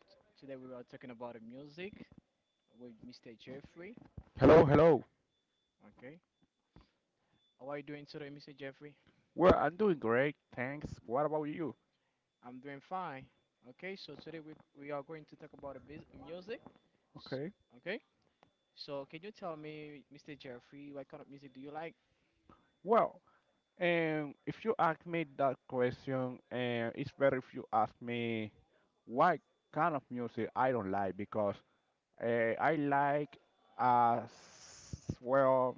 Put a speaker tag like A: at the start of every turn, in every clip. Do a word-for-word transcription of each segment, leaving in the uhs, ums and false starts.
A: Today we are talking about the music with Mister Jeffrey.
B: Hello, hello.
A: Okay. How are you doing today, Mister Jeffrey?
B: Well, I'm doing great, thanks. What about you?
A: I'm doing fine. Okay, so today we we are going to talk about the bus- music. S-
B: Okay.
A: Okay. So can you tell me, Mister Jeffrey, what kind of music do you like?
B: Well, um, if you ask me that question, uh, it's better if you ask me what kind of music I don't like because uh, I like as well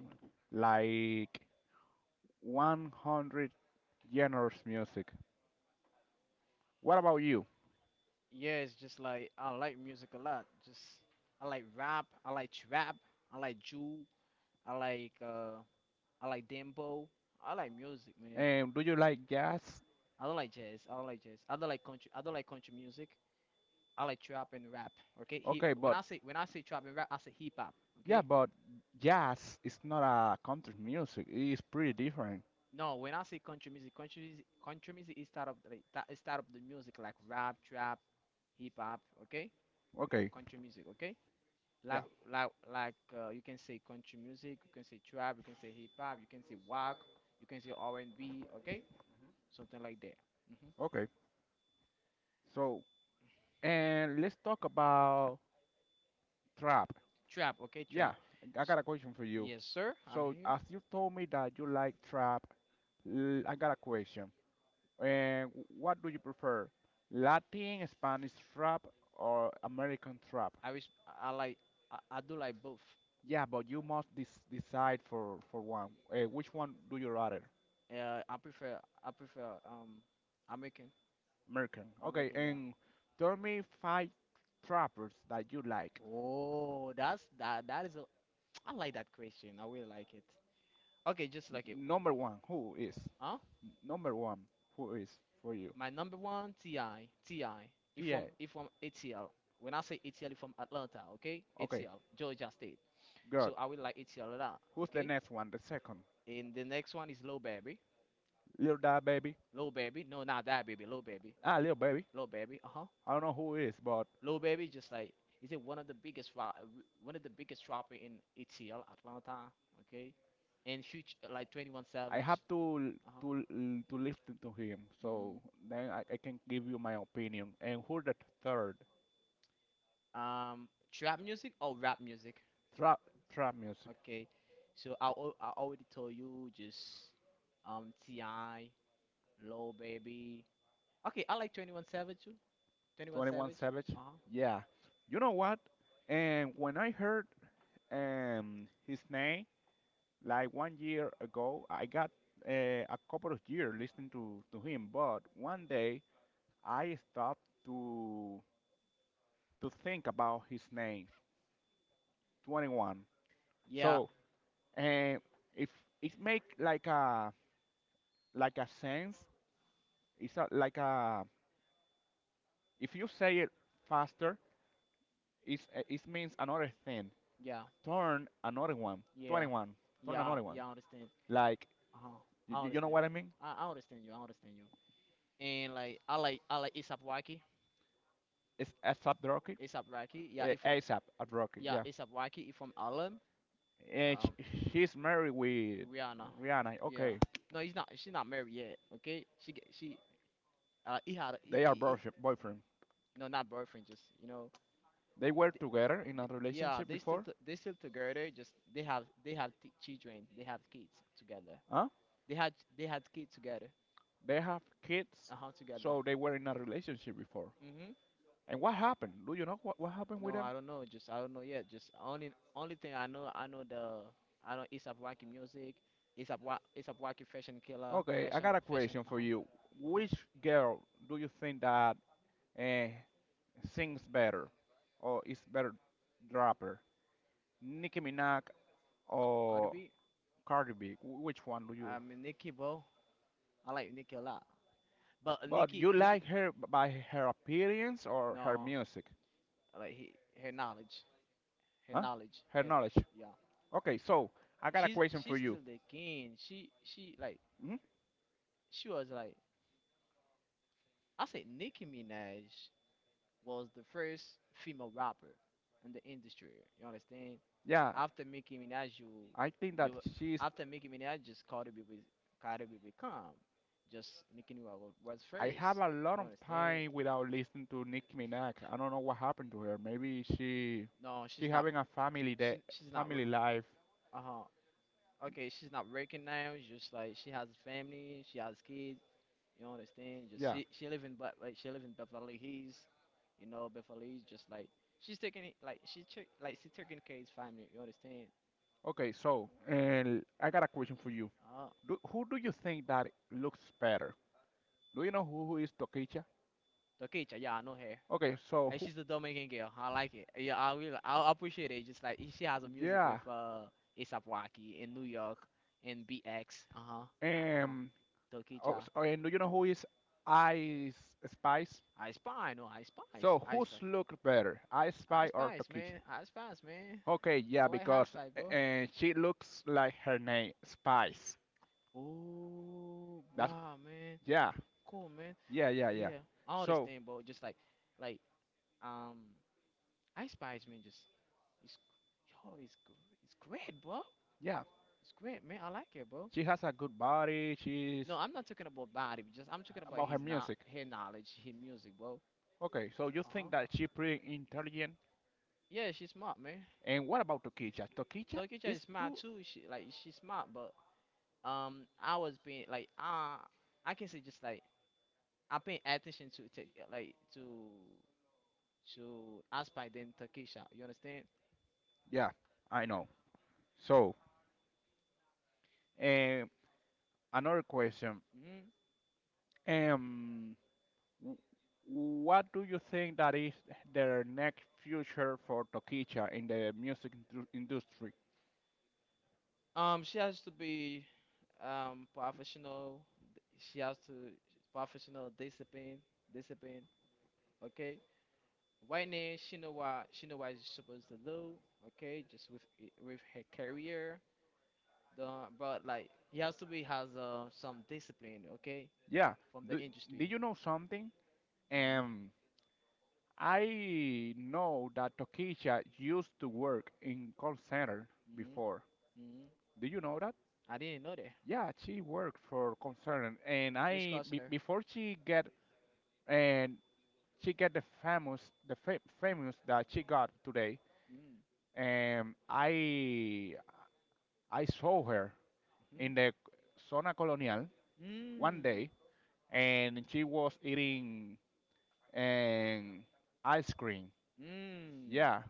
B: like one hundred genres music. What about you?
A: Yes, just like I like music a lot. Just I like rap, I like trap, I like Jew, I like uh I like dembo. I like music, man.
B: Um, do you like jazz?
A: I don't like jazz. I don't like jazz. I don't like country. I don't like country music. I like trap and rap. Okay, he
B: Okay,
A: when
B: but
A: I say when I say trap and rap, I say hip hop.
B: yeah,
A: Okay,
B: but jazz is not a country music. It's pretty different.
A: no, when I say country music, country music, country music is start of the ta- is start of the music like rap, trap, hip hop. Okay, Co-
B: Okay.
A: country music. Okay,
B: Yeah.
A: like like like uh, you can say country music, you can say trap, you can say hip hop, you can say walk, you can say R and B. Okay, something like that. Hmm.
B: Okay. So, and let's talk about trap.
A: Trap. Okay,
B: Yeah,
A: trap.
B: I
A: S-
B: got a question for you.
A: Yes, sir. I'm
B: So,
A: here.
B: as you told me that you like trap, l- I got a question. And what do you prefer? Latin, Spanish trap, or American trap?
A: I res- I like I, I do like both.
B: Yeah, but you must dis- decide for for one. Uh, which one do you rather?
A: Uh, I prefer I prefer um American
B: American. Okay,
A: American yeah.
B: and tell me five trappers that you like.
A: Oh, that's that that is a I like that question. I really like it. Okay, just
B: N-
A: like it.
B: number one, who is?
A: Huh?
B: Number one, who is for you?
A: My number one T I T I. If
B: T
A: from
B: A.
A: if from ATL. When I say A T L, if from Atlanta, okay?
B: Okay,
A: A T L, Georgia State.
B: good.
A: So I will like A T L a lot,
B: Who's the
A: okay?
B: next one? The second.
A: And the next one is Low Baby.
B: Little Da Baby.
A: Low Baby. No, not that baby. Low Baby.
B: Ah, Little Baby.
A: Low Baby. Uh huh.
B: I don't know who is, but
A: Lil Baby, just like is it one of the biggest ro- one of the biggest rapper in A T L Atlanta, okay? And huge like twenty-one
B: I
A: Savage.
B: have to
A: Uh-huh.
B: to to listen to him,
A: Mm.
B: so then I, I can give you my opinion. And who the third?
A: Um trap music or rap music?
B: Trap trap music.
A: Okay. So I al- I already told you just um T I, Low Baby. Okay, I like twenty-one Savage too. twenty-one
B: twenty-one
A: Savage.
B: Savage.
A: Uh-huh.
B: Yeah. You know what? And when I heard um his name like one year ago, I got uh, a couple of years listening to to him, but one day I stopped to to think about his name, twenty-one.
A: Yeah,
B: So, and if it make like a like a sense, it's a, like a if you say it faster, it's, it means another thing.
A: yeah,
B: Turn another one,
A: yeah.
B: twenty-one. Turn
A: Yeah,
B: another one.
A: yeah, I understand.
B: Like
A: Uh-huh.
B: you,
A: I
B: you know
A: understand.
B: what I mean?
A: I, I understand you. I understand you. And like I like I like Isap Rocky.
B: It's ASAP Rocky.
A: Isap Rocky, yeah,
B: Eh,
A: it from
B: ASAP at Rocky,
A: yeah,
B: yeah.
A: Isap Rocky, it from Harlem.
B: And
A: Um,
B: sh- she's married with
A: Rihanna,
B: Rihanna.
A: yeah.
B: Okay,
A: No, he's not. She's not married yet. Okay, she get- she uh he had a, he,
B: they are
A: he, he-
B: boyfriend. Boyfriend.
A: no, not boyfriend, just you know.
B: They were
A: Th
B: together in a
A: th Yeah,
B: relationship
A: they still
B: before,
A: t they still together. Just they have they have t children. They have kids together.
B: huh?
A: They had they had kids together.
B: They have kids,
A: Uh huh, together.
B: so they were in a relationship before.
A: Mm-hmm.
B: And what happened? Do you know what, what happened with
A: No,
B: them?
A: I don't know. Just I don't know yet. Just only only thing I know I know the I know ASAP Rocky music, ASAP Wa ASAP Rocky Fashion Killer,
B: Okay, I
A: Fashion
B: got a
A: Fashion.
B: question
A: Uh
B: for
A: huh.
B: you.
A: Uh huh.
B: Which girl do you think that eh, sings better or is better rapper? Nicki Minaj
A: Ca- Cardi
B: or
A: B.
B: Cardi B? Wh- Which one do
A: I
B: you?
A: mean Nicki, bro. I like Nicki a lot. But
B: But
A: Nicki
B: you
A: Nicki
B: like her b- by her appearance or her
A: no,
B: music?
A: I like he, her knowledge, her
B: Huh?
A: knowledge,
B: Her
A: her
B: knowledge.
A: yeah.
B: Okay, so I got a
A: She's
B: question for
A: she's
B: you.
A: still the king. She she like
B: Mhm.
A: she was like I say Nicki Minaj was the first female rapper in the industry. You understand?
B: Yeah,
A: After Nicki Minaj, you
B: I think that
A: you
B: she's.
A: after Nicki Minaj, just Cardi B with Cardi B with Calm, just Nicki Minaj wa- was
B: I
A: first.
B: have a lot
A: You
B: of
A: understand?
B: time without listening to Nicki Minaj. I don't know what happened to her. Maybe she
A: No,
B: she
A: she's not.
B: having a family
A: She
B: that
A: she's not.
B: family life.
A: Uh huh. Okay, she's not working now. Just like she has a family, she has kids. You understand? Just
B: Yeah.
A: she she live in, but like she live in Beverly Hills. You know Beverly Hills. Just like she's taking it like she took like she taking care of his family. You understand?
B: Okay. So, and I got a question for you.
A: Uh huh.
B: Do, who do you think that looks better? Do you know who, who is Tokicha?
A: Okay, yeah, I know her.
B: Okay. So
A: And
B: who?
A: she's a Dominican girl. I like it. Yeah, I will. I appreciate it. Just like she has a music
B: Yeah.
A: with uh ASAP Rocky in New York, in B X. Uh huh. Uh huh.
B: Um. Oh,
A: Tokicha.
B: s- oh, and do you know who is Ice Spice?
A: I spy. No, I spice.
B: So
A: I
B: who's
A: spice.
B: look better, Ice
A: I
B: Spice or
A: spice,
B: Tokicha?
A: man. I spice, man.
B: Okay,
A: I
B: yeah,
A: like high
B: because
A: spice, bro.
B: uh, she looks like her name Spice.
A: Oh,
B: That's
A: wow, man.
B: Yeah,
A: Cool, man.
B: yeah, yeah, yeah.
A: Yeah, all this
B: So
A: thing, bro. Just like, like um, I spice, man. Just it's, yo, it's gr- it's great, bro.
B: yeah,
A: It's great, man. I like it, bro.
B: she has a good body. She's
A: No, I'm not talking about body. Just I'm talking about
B: about her
A: his, not
B: music.
A: her knowledge, his music, bro.
B: Okay, so you
A: Uh huh.
B: think that she pretty intelligent?
A: Yeah, she's smart, man.
B: And what about Tokicha? Tokicha
A: Tokicha
B: is
A: is smart
B: too.
A: too. She, like, she's smart, but um, I was being like uh I can say, just like, I pay attention to take like to to Aspire than Takisha. You understand?
B: Yeah, I know. So um, another question.
A: Mm-hmm.
B: Um, w- what do you think that is their next future for Tokicha in the music indu- industry?
A: Um, she has to be um professional. d- She has to professional discipline, discipline. Okay. Right now she know what she know what she's supposed to do, okay, just with i- with her career, the, but like he has to be has uh, some discipline, okay,
B: Yeah.
A: from the
B: Do,
A: industry.
B: did you know something?
A: Hmm.
B: Um, I know that Tokisha used to work in call center
A: Hmm.
B: before.
A: Hmm.
B: Do you know that?
A: I didn't know that.
B: Yeah, she worked for call center, and
A: Which
B: I be,
A: customer?
B: before she get and she get the famous the fa- famous that she got today.
A: Mm.
B: Um, I I saw her in the
A: Hmm.
B: Zona Colonial one
A: Mm.
B: day, and she was eating um, ice cream.
A: Mm.
B: Yeah,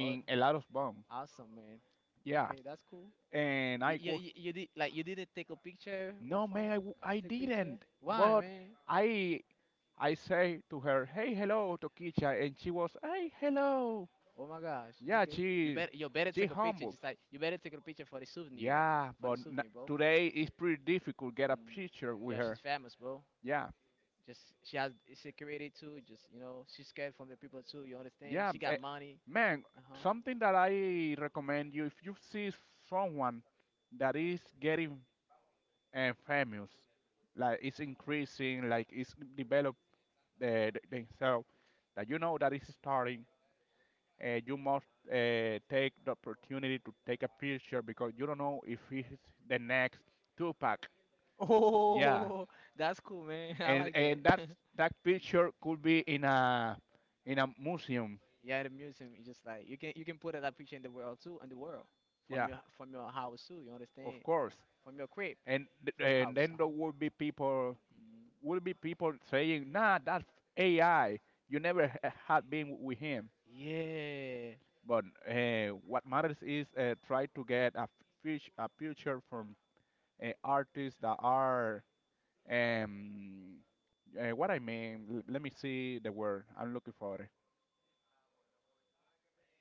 A: Oh,
B: a lot of bomb.
A: awesome, man.
B: Yeah,
A: Okay, that's cool.
B: and
A: you
B: I
A: you,
B: quote,
A: you, you did like you didn't take a picture with
B: "No, man,
A: phone?
B: I, w-
A: Uh,
B: I
A: take picture,
B: didn't."
A: why,
B: But
A: man?
B: I I say to her, "Hey, hello, Tokicha," and she was, "Hey, hello."
A: Oh my gosh.
B: Yeah,
A: Okay. You
B: she
A: better You better
B: she
A: take a picture.
B: humble.
A: Just like you better take a picture for the souvenir.
B: Yeah,
A: For the
B: but n-
A: souvenir, bro.
B: today it's pretty difficult get a
A: And
B: picture with
A: yeah, she's
B: her.
A: famous, bro.
B: Yeah,
A: Just she has security too. Just, you know, she's scared from the people too. You understand?
B: yeah,
A: She got
B: eh,
A: money.
B: man.
A: Uh huh.
B: Something that I recommend you if you see someone that is getting uh, famous, like it's increasing, like it's developing the, the- themselves that you know that is starting, and you must uh, take the opportunity to take a picture because you don't know if it's the next Tupac. Yeah,
A: Oh, that's cool, man. I
B: and
A: like that.
B: and that's that picture could be in a in a museum.
A: Yeah, the museum is, just like, you can you can put that picture in the world too, in the world, from
B: Yeah,
A: your from your house too. You understand?
B: of course.
A: From your crib,
B: And th-
A: from your
B: and
A: house. Uh
B: then there
A: huh.
B: will be people
A: Mm.
B: will be people saying, "Nah, that's A I. You never h- had been with him."
A: Yeah.
B: But uh, what matters is uh, try to get a fish a picture from uh, artists that are um, uh, what I mean. l- let me see the word I'm looking for. It.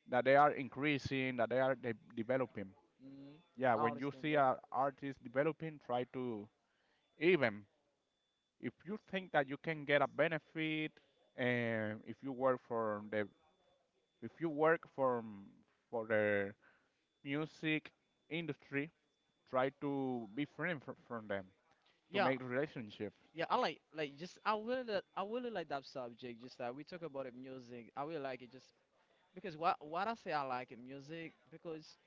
B: That they are increasing, that they are de- developing.
A: Mm.
B: Yeah,
A: I
B: when you
A: understand,
B: see
A: bro.
B: an artist developing, try to even if you think that you can get a benefit, and if you work for the if you work for for the music industry, try to be friend fr- from them to
A: Yeah,
B: make relationship.
A: yeah, I like like just I really I really like that subject. Just that we talk about it, music. I really like it just because what what I say I like it, music, because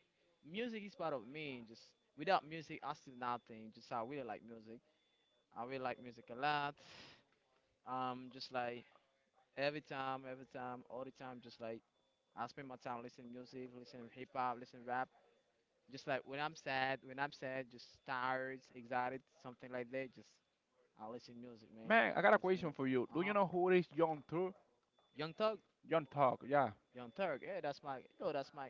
A: music is part of me. Just without music, I still nothing. Just I really like music. I really like music a lot. Um, just like every time, every time, all the time, just like I spend my time listening music, listening hip hop, listening rap. Just like when I'm sad, when I'm sad, just tired, excited, something like that. Just I listen music, man.
B: Man, I got a
A: Understand?
B: question for you.
A: Uh
B: Do you
A: huh.
B: know who is John Tur?
A: Young Thug,
B: John Talk. Yeah.
A: Young Thug, yeah, that's my yo, that's my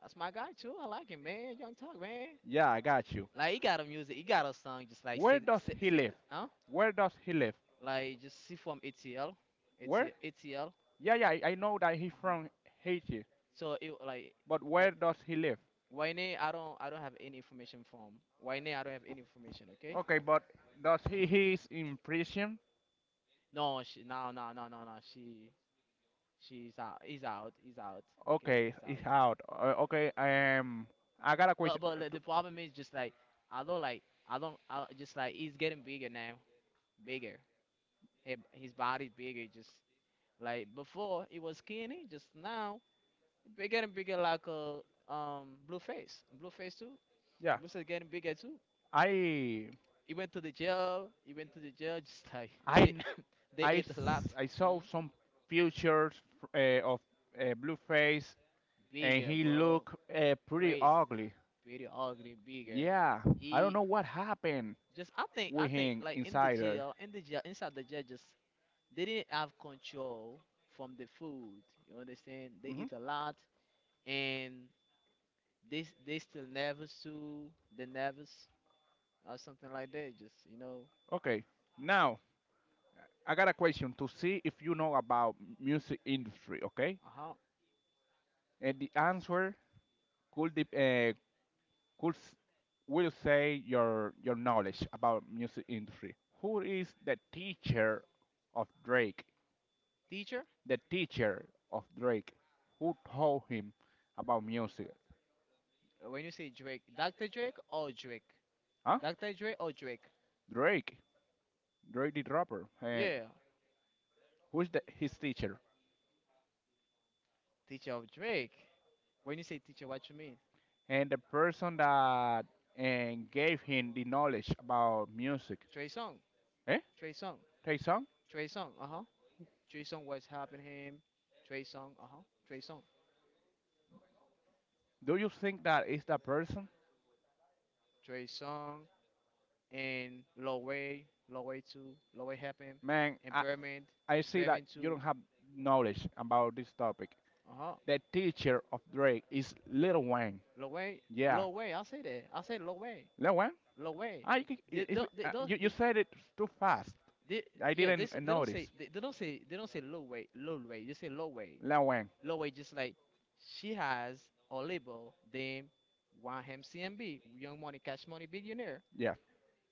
A: that's my guy too. I like him, man. Young Thug, man.
B: Yeah, I got you.
A: Like he got a music, he got a song, just like
B: Where
A: six,
B: does
A: six,
B: he
A: six,
B: live?
A: huh?
B: Where does he live?
A: Like, just see from ATL,
B: Where?
A: ATL,
B: Yeah, yeah, I I know that he's
A: uh huh.
B: from Haiti,
A: So it like
B: but where
A: like
B: does he live?
A: Wayne, I don't I don't have any information from Wayne. I don't have any information. Okay.
B: Okay, but does he he is in prison?
A: No, she, no, no, no, no, no. She she's out. He's out. He's out. Okay,
B: Okay,
A: he's out.
B: he's out. Uh, okay,
A: Uh,
B: um, I got a
A: but
B: question.
A: but like, the problem is just like, I don't like I don't I, just like he's getting bigger now. Bigger. He, his body's bigger. Just like before, it was skinny. Just now, it be getting bigger like a um blue face. Blue face too.
B: Yeah,
A: Blue face getting bigger too.
B: I
A: He went to the jail. He went to the jail. Just like,
B: I
A: they they
B: I
A: ate a
B: s-
A: lot.
B: I saw
A: Mm?
B: some pictures uh, of uh, Blueface, and
A: Bigger,
B: he
A: bro.
B: looked uh, pretty
A: Crazy.
B: ugly.
A: Pretty ugly. Bigger.
B: Yeah, I don't
A: He,
B: know what happened
A: just, I think I
B: with
A: think
B: him
A: like, in the
B: inside her.
A: jail, in the jail, inside the jail, just they didn't have control from the food. You understand? They
B: hmm
A: eat a lot, and They s- they still never sue the nervous, or something like that. Just, you know,
B: Okay, now I got a question to see if you know about music industry. Okay,
A: uh huh.
B: and the answer could dep- uh, could s- will say your your knowledge about music industry. Who is the teacher of Drake?
A: Teacher?
B: The teacher of Drake. Who told him about music?
A: Uh, when you say Drake, Doctor Drake or Drake,
B: Huh?
A: Doctor Drake or Drake.
B: Drake. Drake the rapper. Uh,
A: Yeah,
B: who's the, his teacher?
A: teacher of Drake. When you say teacher, what you mean?
B: And the person that and gave him the knowledge about music.
A: Trey Song,
B: Eh?
A: Trey Song,
B: Tae-sung,
A: Trey Song. Uh huh. Trey Song was helping him. Trey Song. Uh huh. Trey Song.
B: do you think that is the person?
A: Trey Song and Loway, Loway too. Loway helped him.
B: Man,
A: And
B: I,
A: Berman,
B: I see that
A: Berman
B: you
A: too.
B: don't have knowledge about this topic.
A: Uh huh.
B: The teacher of Drake is Lil Wayne.
A: Loway,
B: Yeah,
A: Loway. I say that. I say Loway.
B: Lil Wayne?
A: Low way.
B: I, c-
A: They
B: i- if,
A: don't. They
B: uh,
A: don't.
B: you, you
A: They,
B: said it too fast.
A: they
B: I
A: yeah. They s-
B: didn't
A: they don't say
B: notice.
A: they, they don't say, they don't say low way low way. They say low way
B: Lil Wayne.
A: low way. Just like she has a label named one M C M B, Young Money Cash Money Billionaire.
B: Yeah,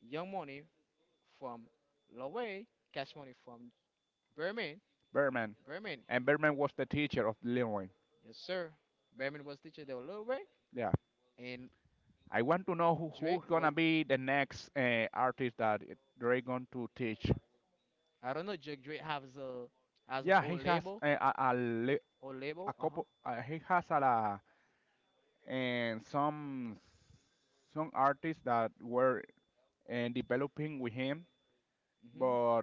A: Young Money from low way, Cash Money from Berman,
B: Berman,
A: Berman.
B: and Berman was the teacher of Lil Wayne.
A: Yes, sir. Berman was teacher there, low way.
B: Yeah.
A: And
B: I want to know who,
A: Drake
B: who's gonna
A: was
B: be the next uh, artist that Drake going to teach.
A: I don't know. Drake Drake has a has her
B: Yeah, he
A: own
B: has
A: label,
B: uh, a, a, li-
A: or
B: a
A: label. Uh
B: couple. Uh, he has a, la- and some some artists that were uh, developing with him,
A: huh.
B: but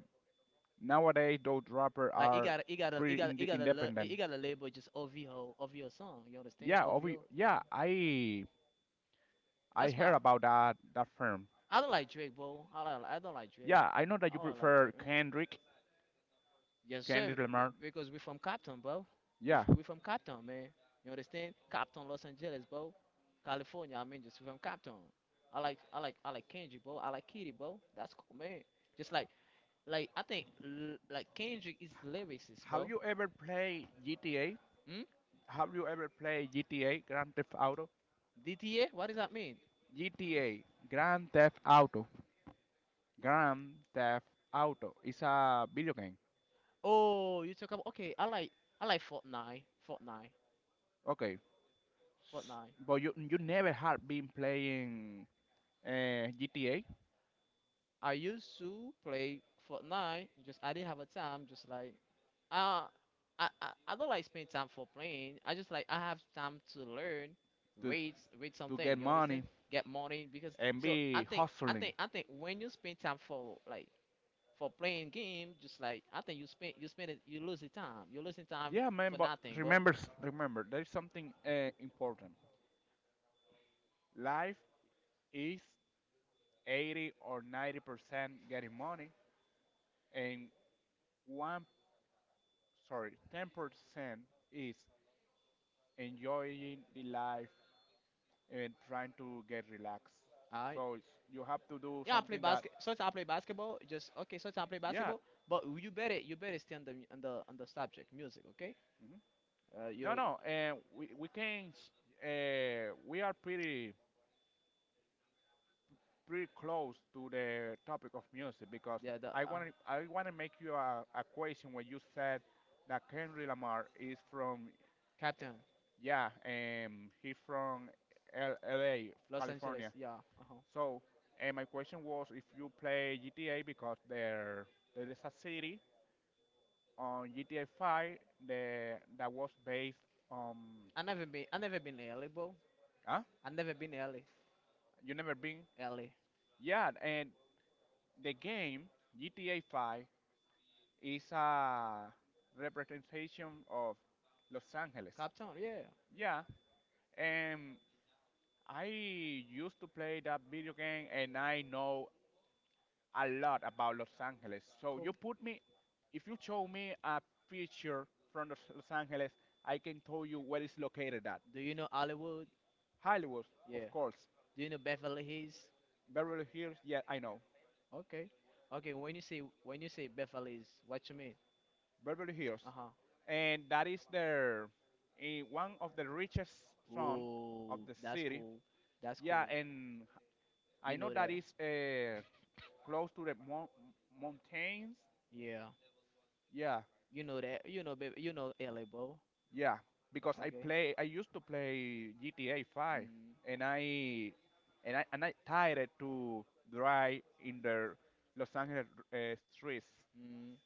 B: nowadays those rappers
A: Like it
B: are
A: gotta, it gotta, it
B: pretty
A: gotta, it
B: inde
A: gotta, la-
B: independent.
A: it gotta label, just O V O, O V O song. You understand?
B: Yeah, obvi-
A: O V O. Uh-huh.
B: yeah, I I
A: That's my.
B: heard about that that firm.
A: I don't like Drake, bro. I don't, I don't like Drake.
B: Yeah, I know that
A: I
B: you
A: don't like
B: prefer
A: Drake, man.
B: Kendrick,
A: Yes, sir.
B: Kendrick
A: B-
B: Lamar.
A: because we from Compton, bro. We
B: Yeah.
A: f- we from Compton, man. You understand? Compton, Los Angeles, bro. California. I mean, just we from Compton. I like, I like, I like Kendrick, bro. I like Kitty, bro. That's cool, man. Just like, like I think, l- like Kendrick is lyricist,
B: Have
A: bro.
B: you ever played G T A?
A: Hmm?
B: Have you ever played G T A Grand Theft Auto?
A: D T A? What does that mean?
B: G T A Grand Theft Auto. Grand Theft Auto is a video game.
A: Oh, you talk about, okay. I like I like Fortnite, Fortnite,
B: Okay,
A: Fortnite.
B: but you you never had been playing uh, G T A
A: I used to play Fortnite. Just I didn't have a time. Just like uh, I I, I don't like spend time for playing. I just like I have time to learn,
B: to
A: read read
B: to
A: something.
B: get
A: You
B: money
A: understand? Get money because
B: and
A: so I
B: be
A: think I
B: hustling.
A: think I think when you spend time for like for playing game, just like I think you spend you spend it, you lose the time. You're losing time
B: Yeah, man,
A: for
B: but
A: nothing, bro.
B: remember, remember, there's something uh, important. Life is eighty or ninety percent getting money, and one, sorry, ten percent is enjoying the life and trying to get relaxed. So it's, you have to do
A: Yeah, I play
B: something that,
A: basket. So I play basketball. Just okay. So I play
B: yeah,
A: basketball, but you better you better stay on the mu- on the on the subject music, okay?
B: mhm.
A: Uh,
B: No,
A: you,
B: no, and we we can, s- uh, we are pretty pretty close to the topic of music because
A: yeah, the
B: I
A: uh,
B: want I want to make you a, a question when you said that Kendrick Lamar is from,
A: captain,
B: yeah, um, he's from L- L.A.,
A: Los Angeles.
B: California.
A: Yeah, uh huh.
B: So, and my question was if you play G T A because there there is a city on G T A five that that was based on,
A: I never been I never been L A, bro.
B: huh?
A: I never been L A.
B: You never been?
A: L A,
B: Yeah, and the game G T A five is a representation of Los Angeles.
A: Captain. Yeah,
B: Yeah, and I used to play that video game and I know a lot about Los Angeles. So you
A: cool.
B: put me, if you show me a picture from Los Los Angeles, I can tell you where it's located at.
A: Do you know Hollywood?
B: Hollywood, of
A: Yeah.
B: course.
A: Do you know Beverly Hills?
B: Beverly Hills, yeah, I know.
A: Okay. Okay. When you say when you say Beverly Hills, what you mean?
B: Beverly Hills.
A: Uh huh.
B: And that is their, eh, one of the richest zone of
A: Oh,
B: the
A: that's
B: city.
A: cool. That's cool.
B: Yeah, and
A: You
B: I know
A: know
B: that
A: that.
B: is uh, close to the mo- mountains.
A: Yeah.
B: Yeah,
A: You know that. You know, baby. You know L A, Bow.
B: yeah, because I
A: Okay.
B: play I used to play G T A five
A: Mm,
B: and I and I and I tired to drive in the Los Angeles uh, streets.
A: mm.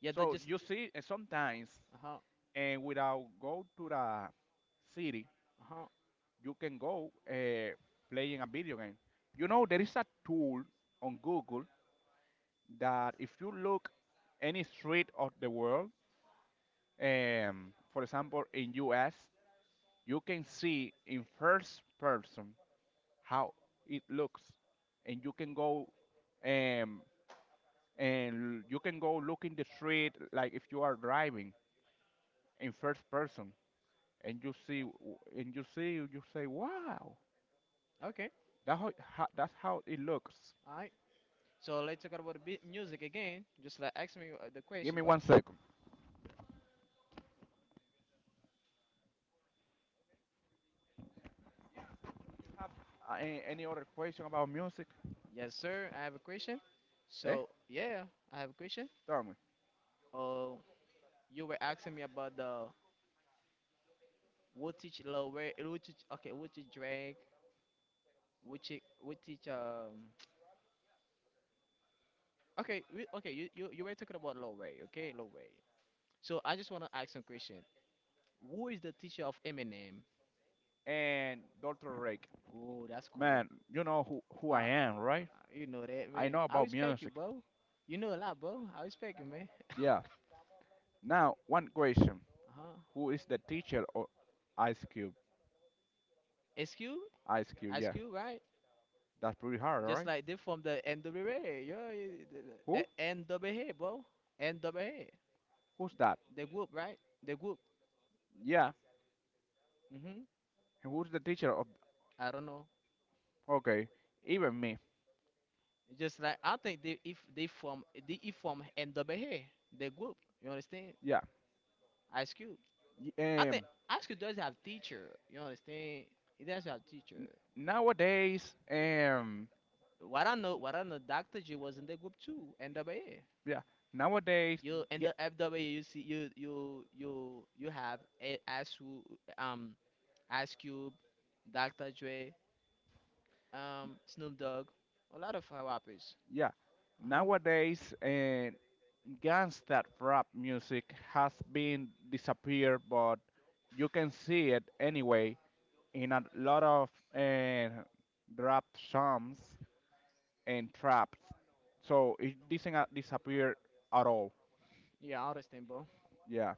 A: Yeah, they
B: So
A: just.
B: you see uh, sometimes
A: Uh huh.
B: and without go to the city,
A: Uh huh.
B: you can go uh, playing a video game. You know there is a tool on Google that if you look any street of the world, um, for example in U S you can see in first person how it looks and you can go um, and you can go look in the street like if you are driving in first person and you see and you see you say wow
A: Okay.
B: that's how, how, that's how it looks.
A: All right. So let's talk about the bi- music again. Just like ask me uh, the
B: Give
A: question,
B: me
A: bro.
B: one second. Have uh, a- any other question about music.
A: Yes, sir. I have a question.
B: eh
A: So yeah, I have a question.
B: Tell me.
A: Oh, you were asking me about the what teach lower, what teach okay, what teach drag, what teach, what teach um. Okay, we, okay. You, you you were talking about low way. Okay, low way. So I just wanna ask some question. Who is the teacher of Eminem?
B: And Dr. Rake.
A: Oh, that's cool.
B: Man, you know who, who I
A: I,
B: am, right?
A: you know that,
B: I
A: man.
B: know
A: I
B: about
A: respect you,
B: music.
A: bro. You know a lot, bro. I respect you, man.
B: Yeah. Now one question.
A: Uh-huh.
B: Who is the teacher of Ice Cube?
A: Ice Cube,
B: Ice Cube,
A: Ice
B: yeah.
A: Cube, right?
B: That's pretty hard,
A: Just
B: right?
A: like they from the N W A. Yeah, yeah, the- the-
B: Who?
A: A- N W A, bro. N W A.
B: Who's that?
A: The group, right? The group.
B: Yeah.
A: hmm
B: And who's the teacher of?
A: I don't know.
B: Okay, even me.
A: Just like I think they if they from they if from N W A, the group. You understand?
B: Yeah.
A: Ice Cube.
B: Y-
A: I think
B: Um.
A: Ice Cube does have teacher. You understand? He does have
B: n-
A: teacher.
B: Nowadays. Um.
A: what I know, what I know, Dr. J was in the group too, N W A.
B: Yeah. Nowadays.
A: You in
B: Yeah.
A: the F W A, you see, you you you you have A- Ice Wo- um Ice Cube, Dr. Dre, um Snoop Dogg, a lot of uh, rappers.
B: Yeah.
A: Uh huh.
B: Nowadays, uh, gangsta rap music has been disappeared, but you can see it anyway in a lot of uh, rap songs and traps. So it doesn't uh, disappear at all.
A: Yeah, I understand, bro.
B: Yeah.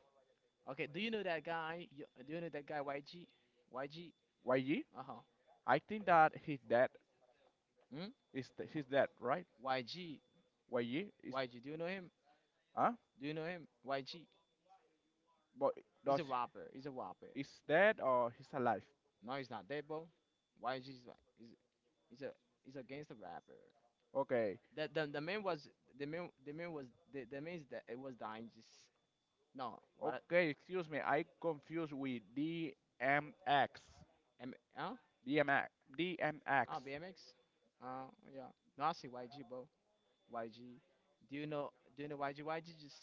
A: Okay, do you know that guy? You, do you know that guy YG? YG.
B: Y G?
A: Uh huh.
B: I think that he's dead.
A: Hmm?
B: Is th- he's dead, right?
A: YG.
B: Y G is,
A: YG. Do you know him?
B: huh?
A: Do you know him? Y G.
B: But
A: He's
B: does
A: a rapper. He's a rapper.
B: is dead or he's alive?
A: No, he's not dead, bro. Y G is, like, he's a he's a gangster rapper.
B: Okay.
A: The the the man was the man, the man was the the man is that, it was dying. Just no, what I—
B: Okay, excuse me. I confused with D M X.
A: M, huh?
B: D M X. D M
A: Oh,
B: X.
A: B M X? Uh yeah. No, I see Y G, bro. Y G. Do you know do you know Y G Y G just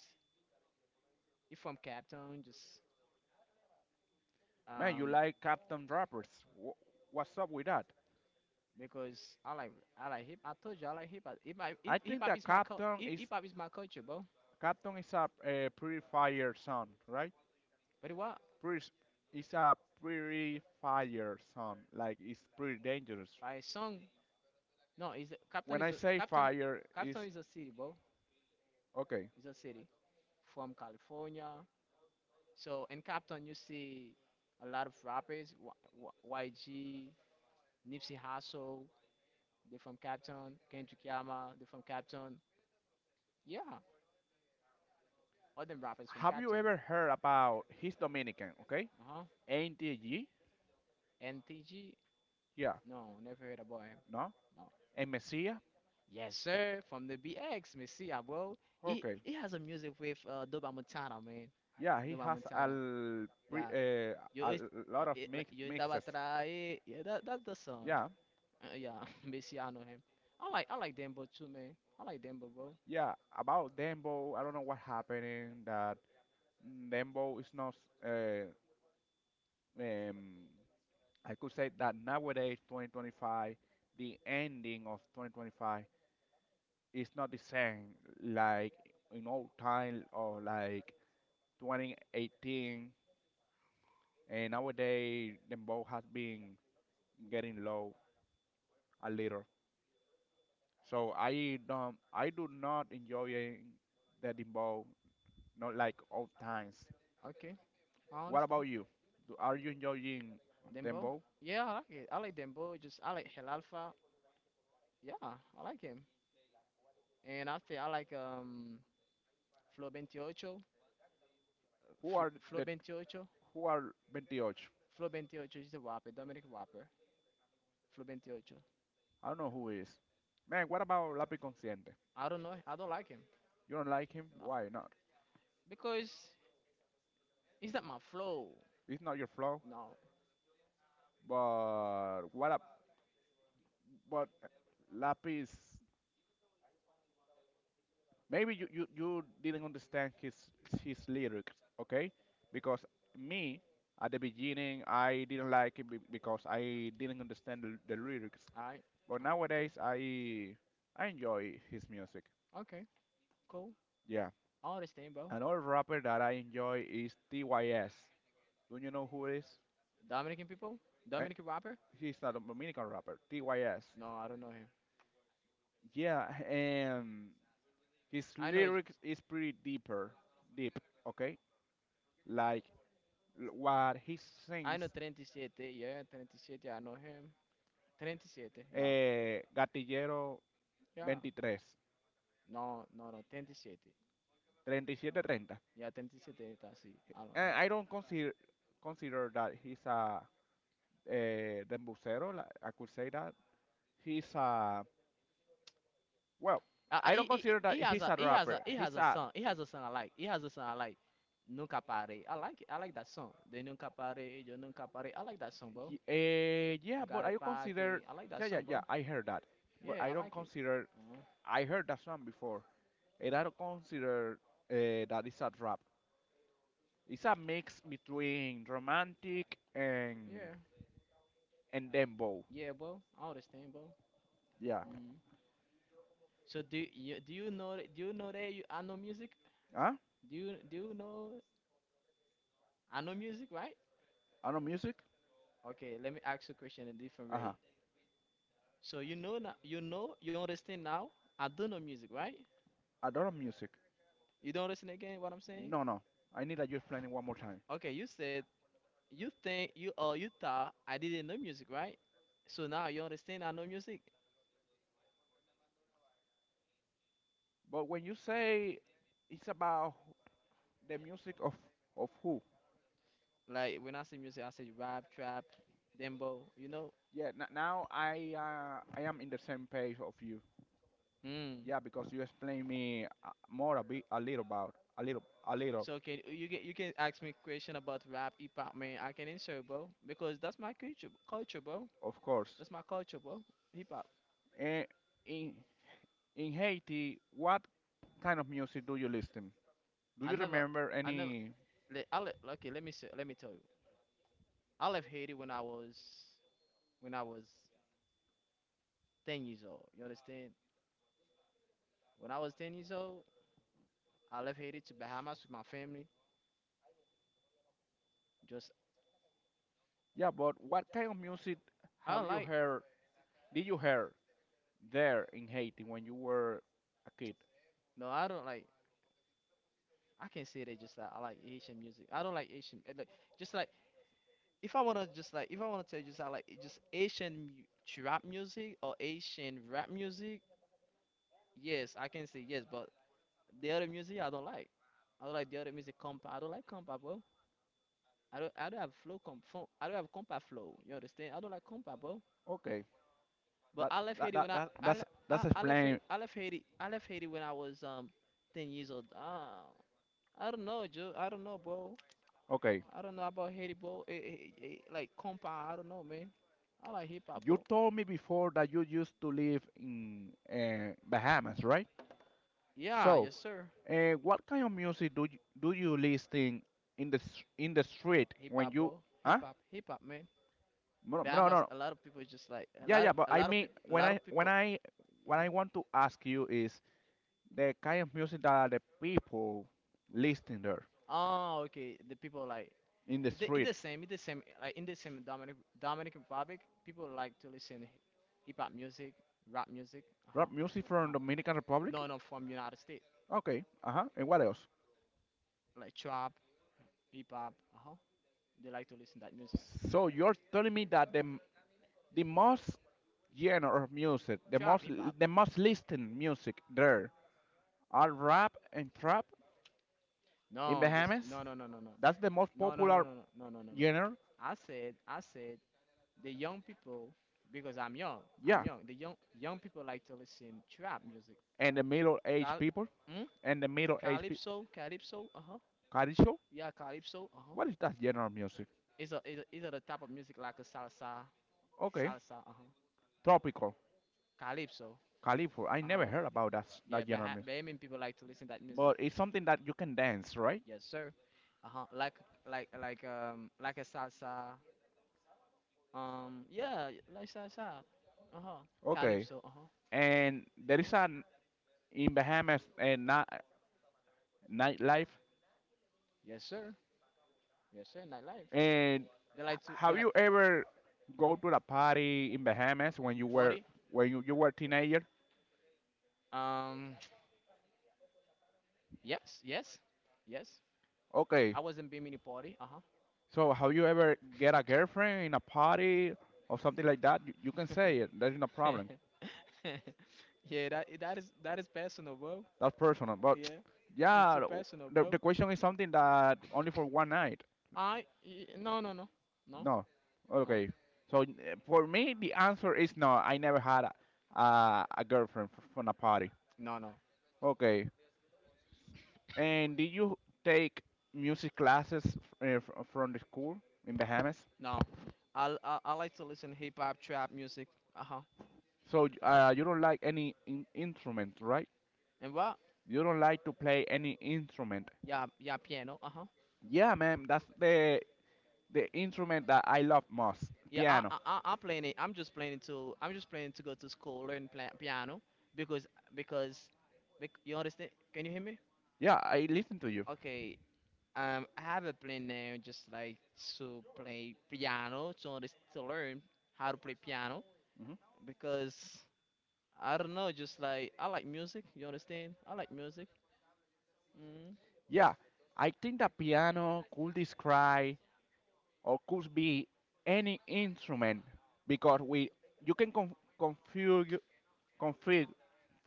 A: he from Cape, just
B: Man, you
A: um
B: like Captain Rappers. Wh- What's up with that?
A: because I like I like hip I told you I like hip hop hip hop
B: I
A: hip
B: think
A: hop
B: that
A: is my cul
B: Captain is
A: hip hop is my culture, bro.
B: Captain is a, uh purifier son, right?
A: But what?
B: Puris- It's a purifier son, like it's pretty dangerous.
A: Five song, no, is Captain,
B: When I
A: is a
B: say
A: Captain.
B: fire, it's
A: Captain is a city, bro.
B: okay.
A: It's a city from California. So in Compton, you see a lot of rappers, y- Y- YG, Nipsey Hussle. They're from Compton. Kendrick Lamar, they're from Compton. Yeah, all them rappers from
B: Have you
A: Compton.
B: ever heard about he's Dominican, okay?
A: Uh-huh.
B: N T G?
A: And T G,
B: Yeah,
A: no, never heard about him.
B: no?
A: No.
B: And Messiah?
A: Yes, sir, from the B X, Messiah, bro. He
B: Okay,
A: he has a music with uh, Doba Montana, man.
B: yeah, he
A: Doba
B: has a,
A: Montana.
B: l- pre-
A: Yeah.
B: uh, a
A: Yo, it's,
B: l-
A: uh,
B: lot of
A: it, like,
B: mix-
A: yo estaba
B: mixes.
A: atrae. Yeah, that, that's the song.
B: Yeah,
A: Uh, yeah, Messi, I know him. I like I like Dembo too, man. I like Dembo, bro.
B: yeah, about Dembo, I don't know what happening, that Dembo is not uh, um, I could say that nowadays, twenty twenty-five, the ending of twenty twenty-five is not the same like in old time or like twenty eighteen. And nowadays, the ball has been getting low a little. So I don't, I do not enjoying the dembow, not like old times.
A: Okay, I
B: What about
A: understand.
B: you? Do, are you enjoying
A: Dembo?
B: dembow?
A: Yeah, I like it. I like Dembo. Just I like El Alfa. Yeah, I like him. And after I like um Flo twenty-eight, Flo,
B: Who are
A: Flo
B: the,
A: twenty-eight,
B: who are twenty-eight?
A: Flo twenty-eight is a rapper, Dominic rapper. Flo twenty-eight.
B: I don't know who is. Man, what about Lápiz Consciente?
A: I don't know. I don't like him.
B: You don't like him?
A: No,
B: Why not?
A: because it's not my flow.
B: It's not your flow.
A: No.
B: But what? Up? But Lapis, maybe you, you you didn't understand his his lyrics, okay? Because me at the beginning I didn't like it be- because I didn't understand the, the lyrics.
A: Alright.
B: But
A: Uh, okay.
B: nowadays I I enjoy his music.
A: Okay. Cool.
B: Yeah.
A: I understand, bro.
B: Another rapper that I enjoy is T Y S. Do you know who it is?
A: Dominican people?
B: Eh?
A: Dominican rapper?
B: He's a Dominican rapper. T Y S.
A: No, I don't know him.
B: Yeah, and his
A: I know,
B: lyrics is pretty deeper, deep, okay? Like l- what he
A: I know
B: sings,
A: thirty-seven, yeah, thirty-seven, I know him. thirty-seven, yeah,
B: eh, Gatillero
A: yeah.
B: twenty-three,
A: No, no, no, thirty-seven.
B: thirty-seven thirty.
A: Yeah, thirty-seven, that's it. I know
B: And
A: him.
B: I don't consider consider that he's a eh, dembusero, like I could say that. He's a, well,
A: Uh, uh,
B: I
A: he,
B: don't
A: he,
B: consider
A: he
B: that
A: he has
B: he's
A: a,
B: a
A: he has
B: rapper.
A: a, he has
B: He's
A: a
B: a,
A: song. He has a song I like. He has a song I like. Nunca Pare. I like it. I like that song. The Nunca Pare, Yo Nunca Pare. I like that song, bro.
B: uh, yeah,
A: Nunca
B: but I
A: Pare,
B: consider,
A: I like that
B: yeah, yeah,
A: song,
B: yeah,
A: bro.
B: I heard that. But
A: Yeah,
B: I
A: I
B: don't
A: like it.
B: consider,
A: Uh,
B: I heard that song before. And I don't consider uh, that it's a rap. It's a mix between romantic and
A: yeah,
B: and dembow.
A: yeah, bro. I understand, bro.
B: Yeah.
A: Mm. So do you do you know do you know that you I know music?
B: Huh?
A: Do you do you know I know music, right?
B: Adult music?
A: Okay, let me ask you a question in a different
B: Uh-huh.
A: way. So you know now, you know, you understand now. I do know music, right?
B: Adult music.
A: You don't understand again what I'm saying?
B: No, no. I need that you explain it one more time.
A: Okay, you said you think you or you thought I didn't know music, right? So now you understand I know music.
B: But when you say it's about the music of of who?
A: Like when I say music, I say rap, trap, dembow. You know?
B: Yeah. N- now I uh, I am in the same page of you.
A: Hmm.
B: Yeah, because you explain me uh, more a bit, a little about, a little, a little.
A: So can you can you can ask me question about rap, hip hop, man? I can answer, bro, because that's my culture, culture, bro.
B: Of course.
A: That's my culture, bro. Hip hop.
B: Eh, in in Haiti, what kind of music do you listen? Do
A: I
B: you
A: never.
B: remember
A: I never.
B: any?
A: Le- I le- Okay, let me s- let me tell you. I left Haiti when I was when I was ten years old. You understand? When I was ten years old, I left Haiti to Bahamas with my family. Just
B: Yeah, but what kind of music
A: I
B: have
A: don't
B: you
A: like,
B: heard? Did you hear there in Haiti when you were a kid?
A: no, I don't like. I can say that just like I like Asian music. I don't like Asian, eh, like, just like if I wanna just like if I wanna tell you, just I like it, just Asian mu- trap music or Asian rap music. Yes, I can say yes, but the other music I don't like. I don't like the other music, compa. I don't like compa. I don't I don't have flow comp fo- I don't have compa flow. You understand? I don't like compa, bro.
B: Okay,
A: But
B: that
A: I left
B: that
A: Haiti when
B: that,
A: I
B: that
A: I
B: that's
A: le- I,
B: that's
A: I left Ha-
B: explained.
A: I left Haiti I left Haiti when I was um ten years old. Ah, I don't know, Joe. I don't know, bro.
B: Okay,
A: I don't know about Haiti, bro. Eh, eh, eh, eh, like compa, I don't know, man. I like hip hop,
B: you
A: bro.
B: told me before that you used to live in uh, Bahamas, right?
A: Yeah,
B: So,
A: yes sir.
B: uh, what kind of music do you, do you listen in the s- in the street
A: Hip
B: when
A: hop,
B: you?
A: bro. Hip
B: Huh?
A: hop, hip hop, man.
B: No,
A: But I
B: no, no.
A: must.
B: No.
A: A lot of people, just like a
B: Yeah,
A: lot
B: yeah.
A: of
B: But
A: a
B: I
A: lot of
B: mean,
A: people a
B: when
A: lot
B: I
A: of
B: when
A: people.
B: I what
A: Mhm.
B: I want to ask you is the kind of music that the people listening there
A: Oh, okay. The people like,
B: in the
A: it, the- it the
B: street.
A: same, it the same. Like in the same Dominic Dominican Republic, people like to listen hip hop music, rap music. Uh huh.
B: Rap music
A: Uh
B: from
A: huh.
B: Dominican Republic.
A: No, no, from United States,
B: Okay. Uh huh. And what
A: from,
B: else?
A: like, trap, hip hop. Uh huh. They like to listen that music.
B: So you're telling me that the m- the most genre of music, the
A: Trap,
B: most
A: hip hop.
B: the most listened music there are rap and trap in
A: No, just
B: Bahamas.
A: no, no, no, no, no,
B: That's the most
A: no, no, no, no,
B: popular
A: no, no, no, no, no.
B: genre.
A: I said, I said, the young people, because I'm young, I'm
B: Yeah.
A: young. The young young people like to listen trap music.
B: And the middle aged
A: Cal,
B: people
A: mm?
B: and the middle aged people.
A: Calypso, calypso. Uh huh.
B: Caricho?
A: Yeah, calypso. Uh huh.
B: What is that genre of music?
A: It's a it's a, it's a the type of music like a salsa,
B: Okay,
A: salsa. Uh huh,
B: tropical,
A: calypso.
B: California. I
A: Uh huh.
B: never heard about that
A: Yeah,
B: that genre of
A: Baha-
B: music,
A: Bahamian people like to listen to that music.
B: but it's something that you can dance, right?
A: Yes, sir. Uh huh. Like like like um like a salsa. Um yeah, like salsa. Uh huh.
B: Okay,
A: Calypso. Uh huh.
B: and there is an in Bahamas and uh, ni- nightlife.
A: Yes, sir. Yes, sir. Nightlife.
B: And
A: They like to, they
B: have
A: like
B: you ever go
A: mhm.
B: to the party in Bahamas when you were
A: party.
B: when you, you were teenager?
A: Um yes, yes, yes.
B: Okay,
A: I was in Bimini party. Uh huh.
B: so have you ever get a girlfriend in a party or something like that? You, you can say it. There's no problem.
A: yeah, that that is that is personal, bro.
B: That's personal. But
A: Yeah, it's
B: yeah,
A: too personal,
B: the,
A: bro.
B: the question is something that only for one night.
A: I y- no, no, no, no,
B: No.
A: no,
B: Okay. So uh, for me, the answer is no. I never had a, a, a girlfriend f- from a party.
A: no, no,
B: Okay. And did you take music classes uh, f- from the school in Bahamas?
A: no. I I, I like to listen hip hop trap music. Uh huh.
B: So uh, you don't like any in- instrument, right?
A: And what?
B: You don't like to play any instrument.
A: Yeah, yeah, piano. Uh huh.
B: Yeah, man. That's the the instrument that I love most.
A: Yeah, I
B: Piano.
A: I I I playing it. I'm just playing it to I'm just playing to go to school, learn pla- piano, because because bec- you understand? Can you hear me?
B: Yeah, I listen to you.
A: Okay. Um, I have a plan now, just like, to play piano, to unders- to learn how to play piano, because I don't know, just like I like music. You understand? I like music. Mm.
B: Yeah, I think the piano could describe or could be any instrument because we you can con- configure config,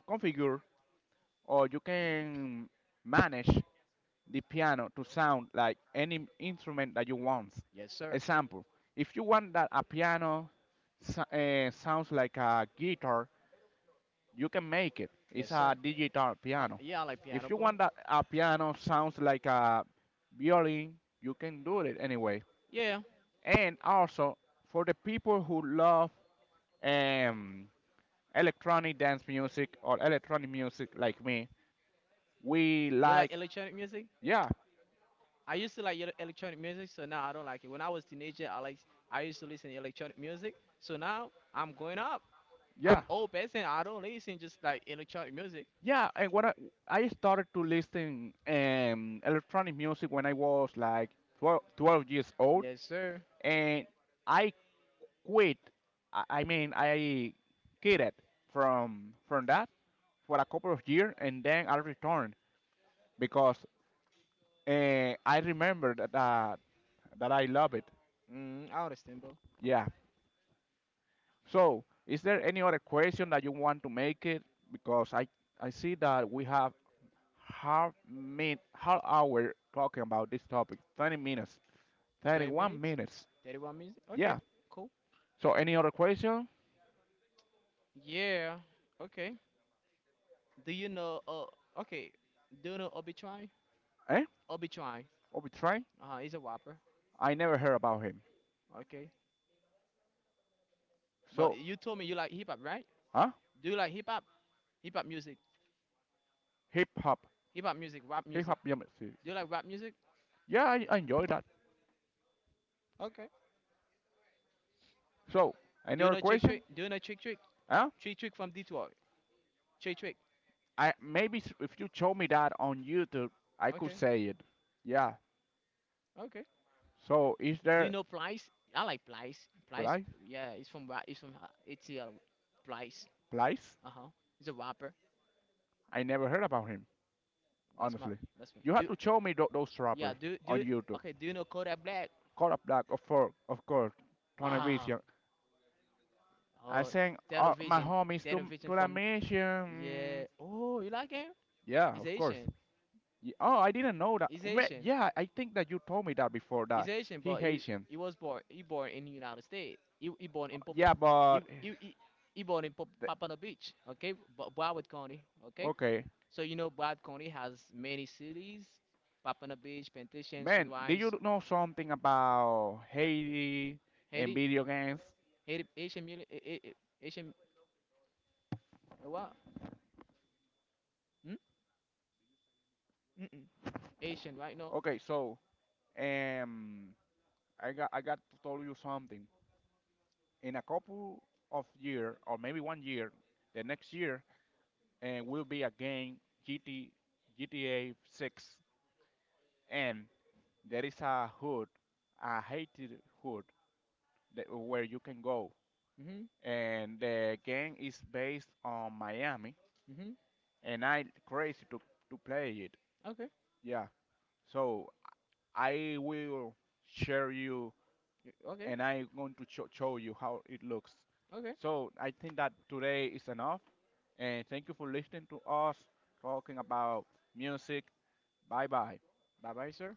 B: configure or you can manage the piano to sound like any instrument that you want.
A: Yes, sir.
B: Example, if you want that a piano uh, sounds like a guitar, you can make it.
A: Yes,
B: It's
A: sir.
B: a digital
A: I,
B: piano.
A: yeah, I like piano,
B: If you
A: bro.
B: want that a piano sounds like a violin, you can do it anyway.
A: Yeah.
B: And also for the people who love um, electronic dance music or electronic music like me, we
A: Do you like
B: like
A: electronic music?
B: yeah
A: I used to like el- electronic music, so now I don't like it. When I was teenager, I like I used to listen to electronic music. So now I'm going up.
B: yeah
A: I'm old person. I don't listen just like electronic music.
B: yeah, and when I, I started to listen um, electronic music when I was like 12, 12 years old,
A: Yes, sir.
B: and I quit. I I mean, I quitted from from that for a couple of years, and then I returned because uh, I remember that, that that I love it.
A: Mm, I understand, bro.
B: Yeah. So, is there any other question that you want to make it? Because I I see that we have half min half hour talking about this topic. Thirty minutes. Thirty
A: thirty
B: one
A: minutes,
B: minutes.
A: thirty-one minutes. Okay,
B: Yeah.
A: cool.
B: So, any other question?
A: Yeah. Okay. Do you know? Uh, okay. Do you know Obitry?
B: Eh?
A: Obitry.
B: Obi Trice?
A: Uh-huh, he's a whopper.
B: I never heard about him.
A: Okay. But
B: So,
A: you told me you like hip hop, right?
B: huh?
A: Do you like hip hop? Hip hop music.
B: Hip hop.
A: Hip hop music, rap
B: Hip
A: music.
B: hop music.
A: Do you like rap music?
B: Yeah, I, I enjoy that.
A: Okay.
B: So, any
A: Do you
B: other
A: know Trick
B: question?
A: Trick? Do you know Trick Trick?
B: Huh?
A: Trick Trick from Detroit. Trick Trick.
B: I maybe s- if you show me that on YouTube, I could
A: Okay.
B: say it. Yeah.
A: Okay.
B: So, is
A: Do you
B: there
A: know Plies? I like Plies. Plies.
B: Blythe?
A: Yeah, it's from Ra- it's from uh, A T L. Plies.
B: Blythe?
A: Uh huh. He's a rapper.
B: I never heard about him,
A: That's my,
B: honestly.
A: that's my.
B: You have
A: Do,
B: to show me tho- those
A: yeah.
B: rappers
A: Do,
B: on
A: do.
B: YouTube.
A: Okay. Do you know Kodak Black?
B: Call up Black, of course, of course. Tony
A: Wow.
B: Vision. I
A: Oh,
B: sang uh, my
A: Television.
B: homies to
A: Television
B: to the
A: from, yeah.
B: mission.
A: Oh, you like him?
B: Yeah,
A: He's
B: of course.
A: Asian.
B: Ye- Oh, I didn't know that.
A: He's
B: Wait,
A: Haitian.
B: yeah, I think that you told me that before
A: He's
B: that.
A: Haitian,
B: He
A: but he
B: Haitian.
A: he was born he born in the United States. He, he born in Papa
B: Yeah,
A: he,
B: but
A: he, he, he born in Pop-
B: th-
A: Papano Beach, okay? Bo- Broward County, okay?
B: okay.
A: So you know Broward County has many cities: Papano Beach, Plantation,
B: Man, did you
A: Sunrise,
B: know something about Haiti and
A: Haiti,
B: video games?
A: Haiti, Haitian, mili- eh, eh, eh, Haitian, eh, what? Hmm? Mm-mm. Haitian, right? No.
B: Okay, so um I got I got to tell you something. In a couple of year or maybe one year, the next year, and will be a game GT G T A six and there is a hood, a Haiti hood that, where you can go
A: Mhm.
B: and the game is based on Miami,
A: Mhm.
B: and I'm crazy to to play it.
A: Okay.
B: Yeah, so I will share you,
A: y- Okay.
B: and I'm going to cho- show you how it looks.
A: Okay.
B: So I think that today is enough, and thank you for listening to us talking about music. Bye bye.
A: Bye, bye, sir.